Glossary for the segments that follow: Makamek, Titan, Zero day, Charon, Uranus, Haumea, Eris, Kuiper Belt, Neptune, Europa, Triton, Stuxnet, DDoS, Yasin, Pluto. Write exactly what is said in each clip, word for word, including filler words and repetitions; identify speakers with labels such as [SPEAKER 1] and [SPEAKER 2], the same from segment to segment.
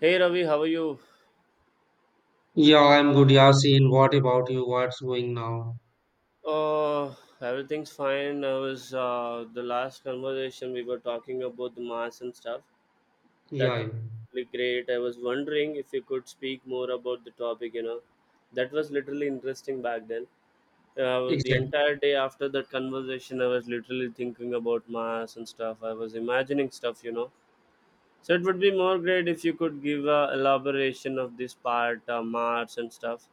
[SPEAKER 1] Hey Ravi, how are you?
[SPEAKER 2] Yeah, I'm good, Yasin. What about you? What's going now?
[SPEAKER 1] Uh, Everything's fine. I was uh, The last conversation we were talking about the mass and stuff.
[SPEAKER 2] Yeah,
[SPEAKER 1] That was
[SPEAKER 2] yeah.
[SPEAKER 1] really great. I was wondering if you could speak more about the topic. You know, that was literally interesting back then. Uh, the
[SPEAKER 2] exactly,
[SPEAKER 1] entire day after that conversation, I was literally thinking about mass and stuff. I was imagining stuff. You know, so it would be more great if you could give a elaboration of this part, uh, Mars and stuff.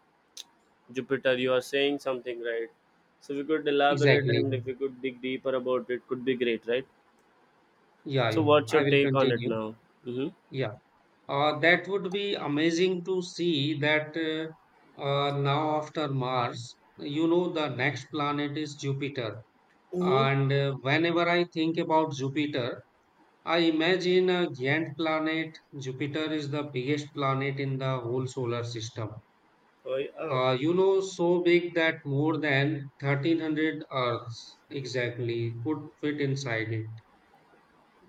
[SPEAKER 1] Jupiter, you are saying something right. So we could elaborate
[SPEAKER 2] exactly.
[SPEAKER 1] and if we could dig deeper about it, could be great, right?
[SPEAKER 2] Yeah,
[SPEAKER 1] So
[SPEAKER 2] yeah,
[SPEAKER 1] what's
[SPEAKER 2] I
[SPEAKER 1] your
[SPEAKER 2] will
[SPEAKER 1] take on it
[SPEAKER 2] continue.
[SPEAKER 1] now? Mm-hmm.
[SPEAKER 2] Yeah, uh, that would be amazing to see that uh, uh, now after Mars, you know, the next planet is Jupiter.
[SPEAKER 1] Hmm.
[SPEAKER 2] And uh, whenever I think about Jupiter, I imagine a giant planet. Jupiter is the biggest planet in the whole solar system.
[SPEAKER 1] Oh, yeah.
[SPEAKER 2] Uh, you know, so big that more than thirteen hundred Earths exactly could fit inside it.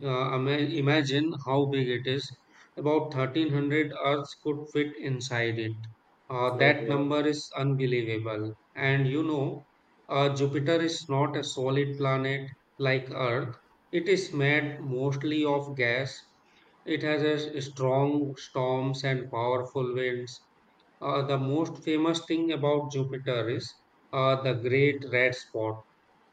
[SPEAKER 2] Uh, ima- Imagine how big it is. About thirteen hundred Earths could fit inside it. Uh,
[SPEAKER 1] Oh,
[SPEAKER 2] that
[SPEAKER 1] God.
[SPEAKER 2] number is unbelievable. And you know, uh, Jupiter is not a solid planet like Earth, it is made mostly of gas. It has a s- strong storms and powerful winds, uh, the most famous thing about Jupiter is uh, the Great Red Spot,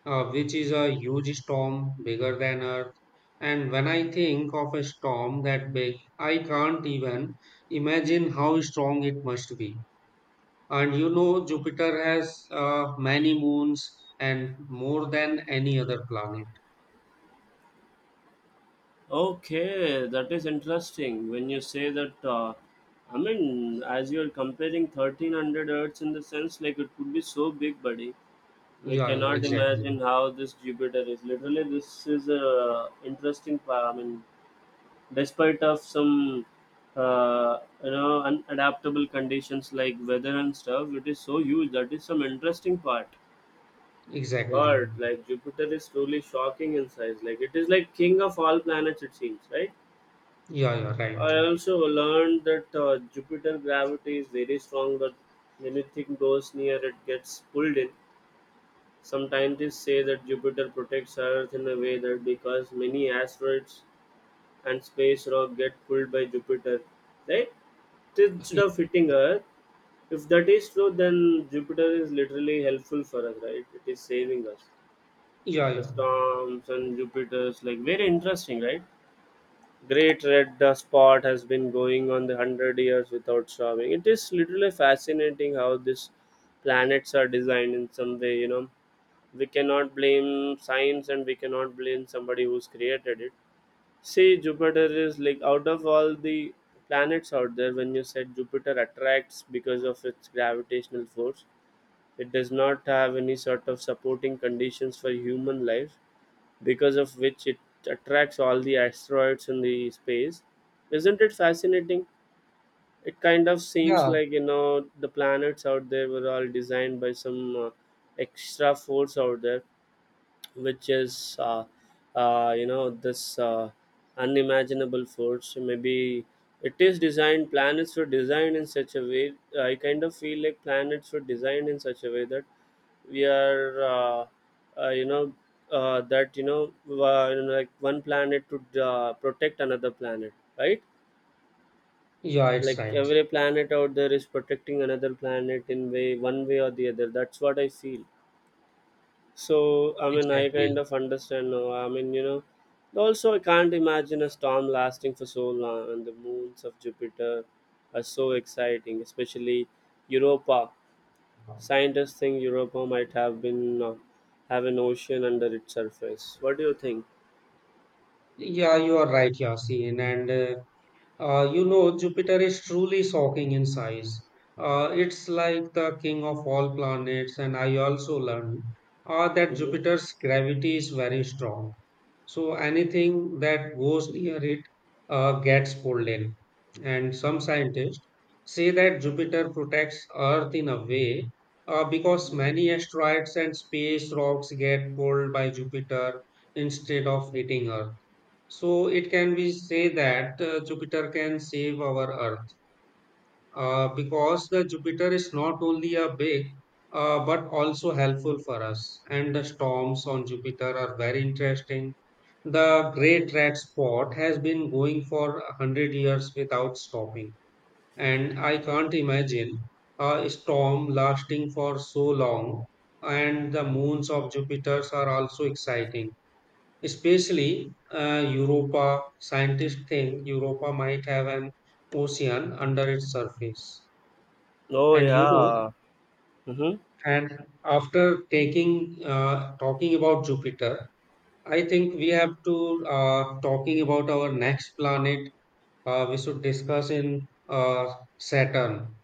[SPEAKER 2] uh, which is a huge storm bigger than Earth. And when I think of a storm that big, I can't even imagine how strong it must be. And you know, Jupiter has uh, many moons, and more than any other planet.
[SPEAKER 1] Okay, that is interesting. When you say that, uh, I mean, as you are comparing thirteen hundred Earths in the sense, like it could be so big, buddy. We
[SPEAKER 2] Yeah, yeah,
[SPEAKER 1] cannot
[SPEAKER 2] exactly.
[SPEAKER 1] imagine how this Jupiter is. Literally, this is a interesting. pa- I mean, despite of some uh, you know unadaptable conditions like weather and stuff, it is so huge. That is some interesting part.
[SPEAKER 2] Exactly.
[SPEAKER 1] God, like Jupiter is truly shocking in size. Like it is like king of all planets, it seems, right?
[SPEAKER 2] Yeah, yeah,
[SPEAKER 1] I
[SPEAKER 2] right.
[SPEAKER 1] also learned that uh, Jupiter gravity is very strong, that anything goes near it gets pulled in. Some scientists say that Jupiter protects Earth in a way, that because many asteroids and space rock get pulled by Jupiter, right, instead of hitting Earth. If that is true, then Jupiter is literally helpful for us, right? It is saving us.
[SPEAKER 2] Yeah,
[SPEAKER 1] The
[SPEAKER 2] yeah.
[SPEAKER 1] storms and Jupiter's like very interesting, right? Great red dust spot has been going on the hundred years without stopping. It is literally fascinating how these planets are designed in some way. You know, we cannot blame science and we cannot blame somebody who's created it. See, Jupiter is like out of all the planets out there, when you said Jupiter attracts because of its gravitational force, it does not have any sort of supporting conditions for human life, because of which it attracts all the asteroids in the space. Isn't it fascinating? It kind of seems
[SPEAKER 2] Yeah,
[SPEAKER 1] like, you know, the planets out there were all designed by some uh, extra force out there, which is uh, uh, you know this uh, unimaginable force, maybe. It is designed Planets were designed in such a way. I kind of feel like planets were designed in such a way that we are uh, uh, you know uh, that you know uh, you know, like one planet to uh, protect another planet, right.
[SPEAKER 2] Yeah, it's
[SPEAKER 1] Like
[SPEAKER 2] right.
[SPEAKER 1] every planet out there is protecting another planet in way one way or the other. That's what I feel. So I mean, I
[SPEAKER 2] Exactly.
[SPEAKER 1] kind of understand now. I mean, you know, also I can't imagine a storm lasting for so long, and the moons of Jupiter are so exciting, especially Europa. Scientists think Europa might have been uh, have an ocean under its surface. What do you think?
[SPEAKER 2] Yeah, you are right, Yasin. And uh, uh, you know, Jupiter is truly shocking in size. Uh, it's like the king of all planets. And I also learned uh, that
[SPEAKER 1] Hmm.
[SPEAKER 2] Jupiter's gravity is very strong. So anything that goes near it uh, gets pulled in. And some scientists say that Jupiter protects Earth in a way, uh, because many asteroids and space rocks get pulled by Jupiter instead of hitting Earth. So it can be say that uh, Jupiter can save our Earth, uh, because the Jupiter is not only a big, uh, but also helpful for us. And the storms on Jupiter are very interesting. The Great Red Spot has been going for a hundred years without stopping, and I can't imagine a storm lasting for so long. And the moons of Jupiter are also exciting. Especially uh, Europa, scientists think Europa might have an ocean under its surface.
[SPEAKER 1] Oh
[SPEAKER 2] And you know,
[SPEAKER 1] yeah. Mm-hmm.
[SPEAKER 2] and after taking uh, talking about Jupiter, I think we have to uh, talking about our next planet. Uh, we should discuss in uh, Saturn.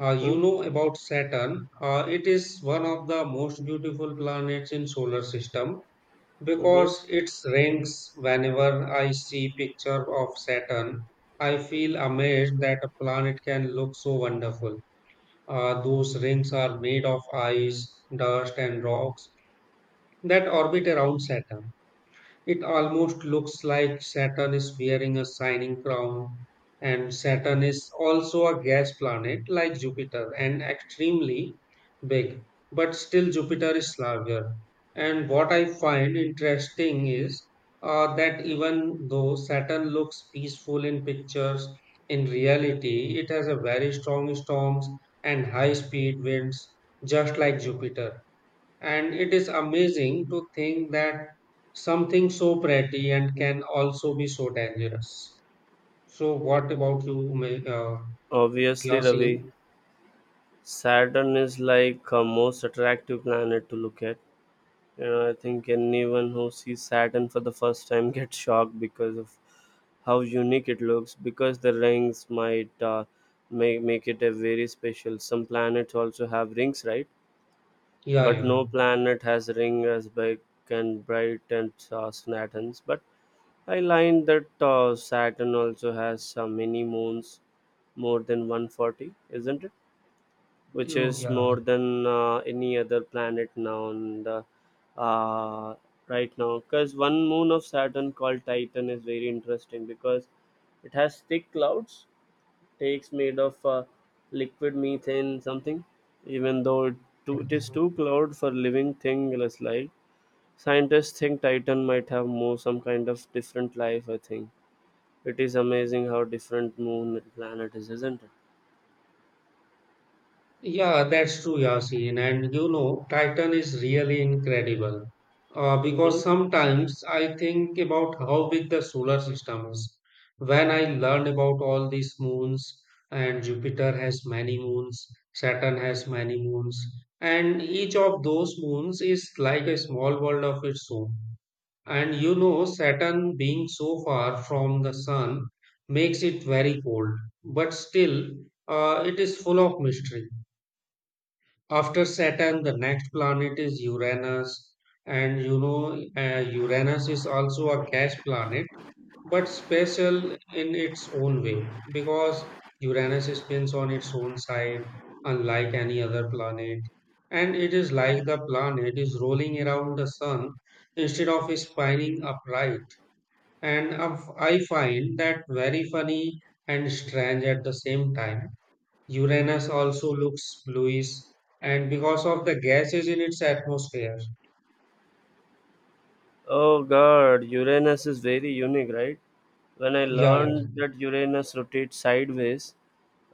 [SPEAKER 2] Uh, you
[SPEAKER 1] Mm-hmm.
[SPEAKER 2] know about Saturn. Uh, it is one of the most beautiful planets in solar system.
[SPEAKER 1] Mm-hmm.
[SPEAKER 2] Because it rings, whenever I see picture of Saturn, I feel amazed that a planet can look so wonderful. Uh, those rings are made of ice, dust, and rocks that orbit around Saturn. It almost looks like Saturn is wearing a shining crown, and Saturn is also a gas planet like Jupiter and extremely big, but still Jupiter is larger. And what I find interesting is uh, that even though Saturn looks peaceful in pictures, in reality, it has a very strong storms and high speed winds, just like Jupiter. And it is amazing to think that something so pretty and can also be so dangerous. So, what about you, Ma- uh,
[SPEAKER 1] Obviously, Ravi,
[SPEAKER 2] Yasin?
[SPEAKER 1] Saturn is like a most attractive planet to look at. Yeah, I think anyone who sees Saturn for the first time gets shocked because of how unique it looks. Because the rings might uh, make make it a very special. Some planets also have rings, right?
[SPEAKER 2] Yeah,
[SPEAKER 1] But
[SPEAKER 2] yeah.
[SPEAKER 1] no planet has ring as big and bright and uh, Saturn's. But I learned that uh, Saturn also has uh, many moons, more than one hundred forty, isn't it? Which
[SPEAKER 2] You,
[SPEAKER 1] is
[SPEAKER 2] yeah.
[SPEAKER 1] more than uh, any other planet now, and uh, uh, right now because one moon of Saturn called Titan is very interesting because it has thick clouds. Takes made of uh, liquid methane something. Even though it, too, it is too cloud for living thing, less light. Scientists think Titan might have more some kind of different life, I think. It is amazing how different moon and planet is, isn't it?
[SPEAKER 2] Yeah, that's true, Yasin. And you know, Titan is really incredible. Uh,
[SPEAKER 1] Mhm.
[SPEAKER 2] because sometimes I think about how big the solar system is. When I learn about all these moons, and Jupiter has many moons, Saturn has many moons, and each of those moons is like a small world of its own. And you know, Saturn being so far from the sun makes it very cold, but still, uh, it is full of mystery. After Saturn, the next planet is Uranus, and you know, uh, Uranus is also a gas planet, but special in its own way, because Uranus spins on its own side, unlike any other planet. And it is like the planet is rolling around the sun instead of spinning upright. And of- I find that very funny and strange at the same time. Uranus also looks bluish, and because of the gases in its atmosphere.
[SPEAKER 1] Oh god, Uranus is very unique, right? When I
[SPEAKER 2] Yeah,
[SPEAKER 1] learned
[SPEAKER 2] yeah,
[SPEAKER 1] that Uranus rotates sideways,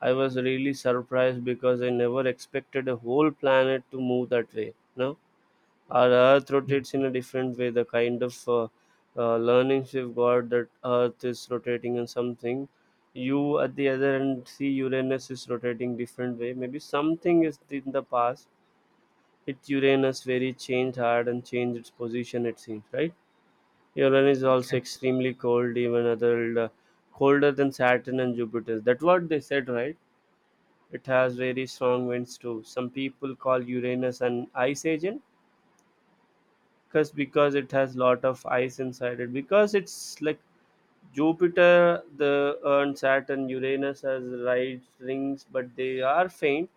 [SPEAKER 1] I was really surprised because I never expected a whole planet to move that way. No, our Earth
[SPEAKER 2] yeah,
[SPEAKER 1] rotates in a different way. The kind of uh, uh, learnings we've got that Earth is rotating in something, you at the other end see Uranus is rotating different way. Maybe something is in the past. It Uranus very changed hard and changed its position. It seems right. Uranus is also
[SPEAKER 2] exact-
[SPEAKER 1] extremely cold, even other uh, colder than Saturn and Jupiter. That's what they said, right? It has very strong winds too. Some people call Uranus an ice agent because because it has lot of ice inside it. Because it's like Jupiter, the uh, and Saturn, Uranus has right rings, but they are faint.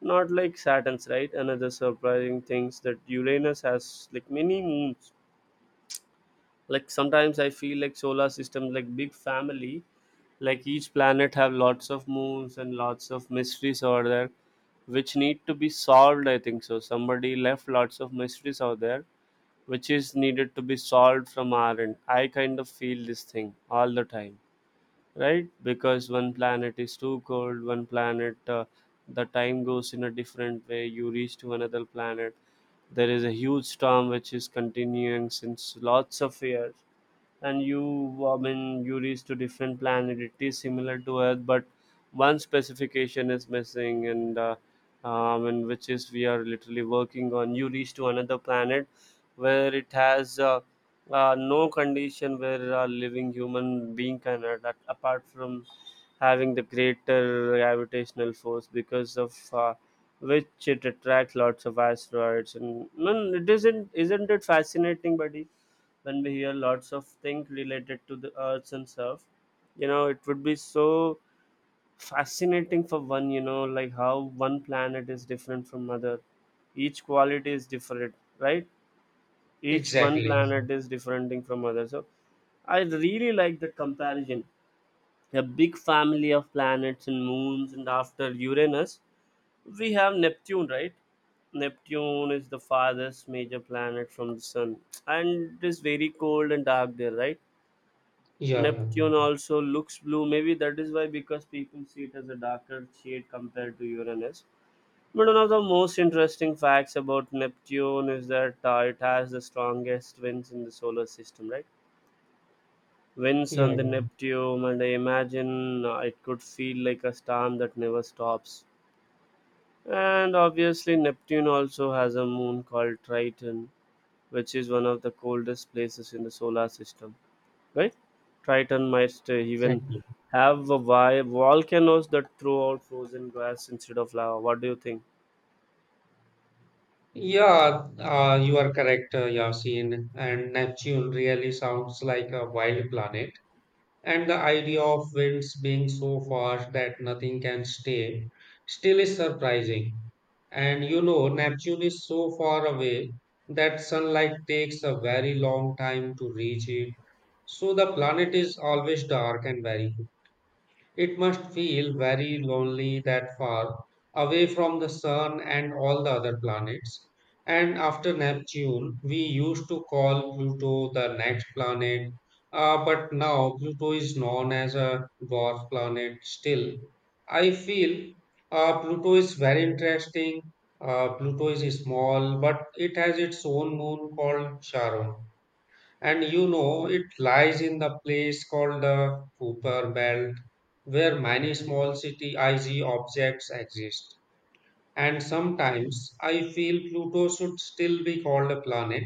[SPEAKER 1] Not like Saturn's, right? Another surprising things that Uranus has like many moons. Like sometimes I feel like solar system like big family. Like each planet have lots of moons and lots of mysteries over there, which need to be solved. I think so. Somebody left lots of mysteries out there, which is needed to be solved from our end. I kind of feel this thing all the time, right? Because one planet is too cold, one planet uh, the time goes in a different way. You reach to another planet, there is a huge storm which is continuing since lots of years. And you, I mean, you reach to different planet, it is similar to Earth, but one specification is missing. And uh, um, and which is we are literally working on. You reach to another planet where it has uh, uh, no condition where a living human being can adapt, apart from having the greater gravitational force because of uh, which it attracts lots of asteroids. And no, it isn't isn't it fascinating, buddy? When we hear lots of things related to the Earth and stuff, you know it would be so fascinating for one, you know like how one planet is different from other. Each quality is different, right? Each one
[SPEAKER 2] exactly.
[SPEAKER 1] planet is different from other, so I really like the comparison, a big family of planets and moons. And after Uranus, we have Neptune, right? Neptune is the farthest major planet from the sun, and it is very cold and dark there, right?
[SPEAKER 2] Yeah, yeah,
[SPEAKER 1] Neptune also looks blue. Maybe that is why, because people see it as a darker shade compared to Uranus. But one of the most interesting facts about Neptune is that uh, it has the strongest winds in the solar system, right? Winds
[SPEAKER 2] yeah,
[SPEAKER 1] on the
[SPEAKER 2] yeah,
[SPEAKER 1] Neptune, and I imagine uh, it could feel like a storm that never stops. And obviously, Neptune also has a moon called Triton, which is one of the coldest places in the solar system. Right? Triton might stay, even
[SPEAKER 2] exactly.
[SPEAKER 1] have a vi- volcanoes that throw out frozen gas instead of lava. What do you think?
[SPEAKER 2] Yeah, uh, you are correct, uh, Yasin. And Neptune really sounds like a wild planet. And the idea of winds being so fast that nothing can stay still is surprising. And you know, Neptune is so far away that sunlight takes a very long time to reach it. So the planet is always dark and very cool. It must feel very lonely that far away from the sun and all the other planets. And after Neptune, we used to call Pluto the next planet, uh, but now Pluto is known as a dwarf planet still. I feel uh, Pluto is very interesting. Uh, Pluto is small, but it has its own moon called Charon. And you know, it lies in the place called the Cooper Belt, where many small city I G objects exist. And sometimes I feel Pluto should still be called a planet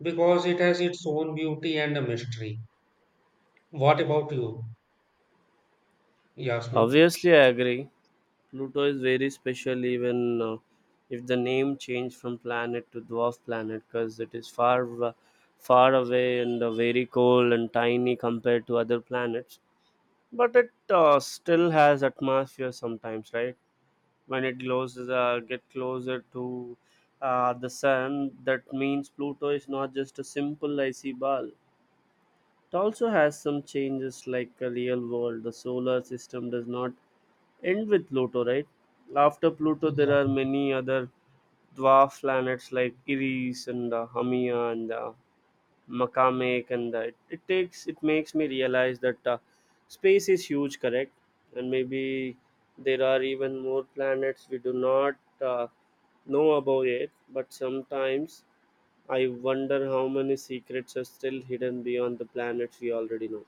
[SPEAKER 2] because it has its own beauty and a mystery. What about you, Yasmin?
[SPEAKER 1] Obviously, I agree. Pluto is very special, even uh, if the name changed from planet to dwarf planet, because it is far, uh, far away and uh, very cold and tiny compared to other planets. But it uh, still has atmosphere sometimes, right? When it closes uh, get closer to uh, the sun, that means Pluto is not just a simple icy ball. It also has some changes like a real world. The solar system does not end with Pluto, right? After Pluto, there
[SPEAKER 2] Yeah.
[SPEAKER 1] are many other dwarf planets like Iris and uh, Haumea and uh, Makamek. And that it takes it makes me realize that uh, space is huge, correct? And maybe there are even more planets we do not uh, know about yet. But sometimes I wonder how many secrets are still hidden beyond the planets we already know.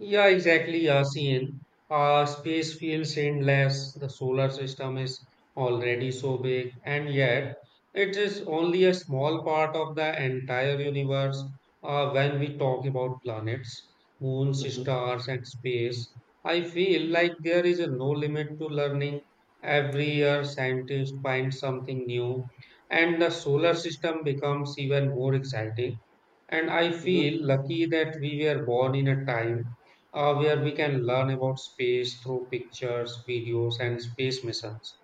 [SPEAKER 2] Yeah, exactly, Yasin. Uh, space feels endless. The solar system is already so big, and yet it is only a small part of the entire universe. Uh, when we talk about planets, moons,
[SPEAKER 1] Mm-hmm.
[SPEAKER 2] stars, and space, I feel like there is a no limit to learning. Every year, scientists find something new, and the solar system becomes even more exciting. And I
[SPEAKER 1] Mm-hmm.
[SPEAKER 2] feel lucky that we were born in a time uh, where we can learn about space through pictures, videos, and space missions.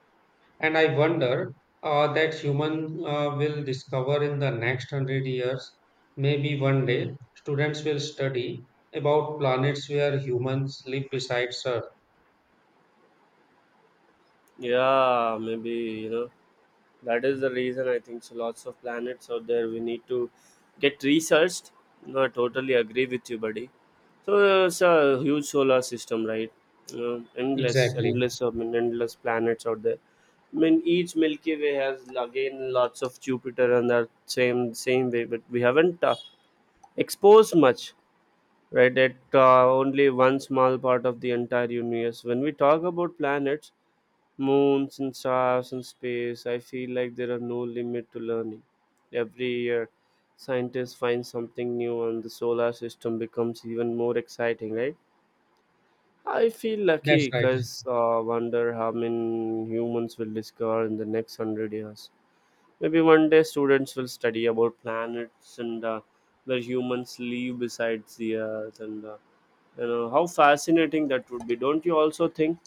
[SPEAKER 2] And I wonder uh, that human uh, will discover in the next hundred years. Maybe one day, students will study about planets where humans live besides Earth.
[SPEAKER 1] Yeah, maybe you know that is the reason I think so. Lots of planets out there we need to get researched. No, I totally agree with you, buddy. So uh, it's a huge solar system, right? uh, endless
[SPEAKER 2] Exactly.
[SPEAKER 1] endless I mean endless planets out there. I mean each Milky Way has again lots of Jupiter and that same same way, but we haven't uh, exposed much. Right, that uh, only one small part of the entire universe, when we talk about planets, moons and stars and space, I feel like there are no limit to learning. Every year, scientists find something new and the solar system becomes even more exciting, right? I feel
[SPEAKER 2] That's
[SPEAKER 1] lucky
[SPEAKER 2] right.
[SPEAKER 1] because uh, wonder how many humans will discover in the next hundred years. Maybe one day students will study about planets and uh, where humans live besides the Earth, and uh, you know how fascinating that would be. Don't you also think?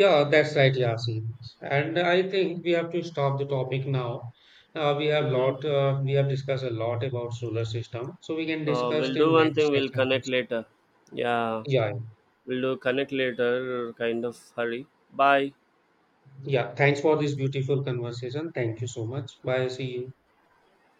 [SPEAKER 2] Yeah, that's right, Yasin. And I think we have to stop the topic now. Uh, we have
[SPEAKER 1] Mm-hmm.
[SPEAKER 2] lot. Uh, we have discussed a lot about solar system, so we can
[SPEAKER 1] Uh,
[SPEAKER 2] discuss
[SPEAKER 1] we'll do
[SPEAKER 2] in
[SPEAKER 1] one
[SPEAKER 2] next
[SPEAKER 1] thing. We'll
[SPEAKER 2] session
[SPEAKER 1] connect
[SPEAKER 2] also.
[SPEAKER 1] later. Yeah,
[SPEAKER 2] Yeah.
[SPEAKER 1] we'll do connect later. Kind of hurry. Bye.
[SPEAKER 2] Yeah, thanks for this beautiful conversation. Thank you so much. Bye. See you.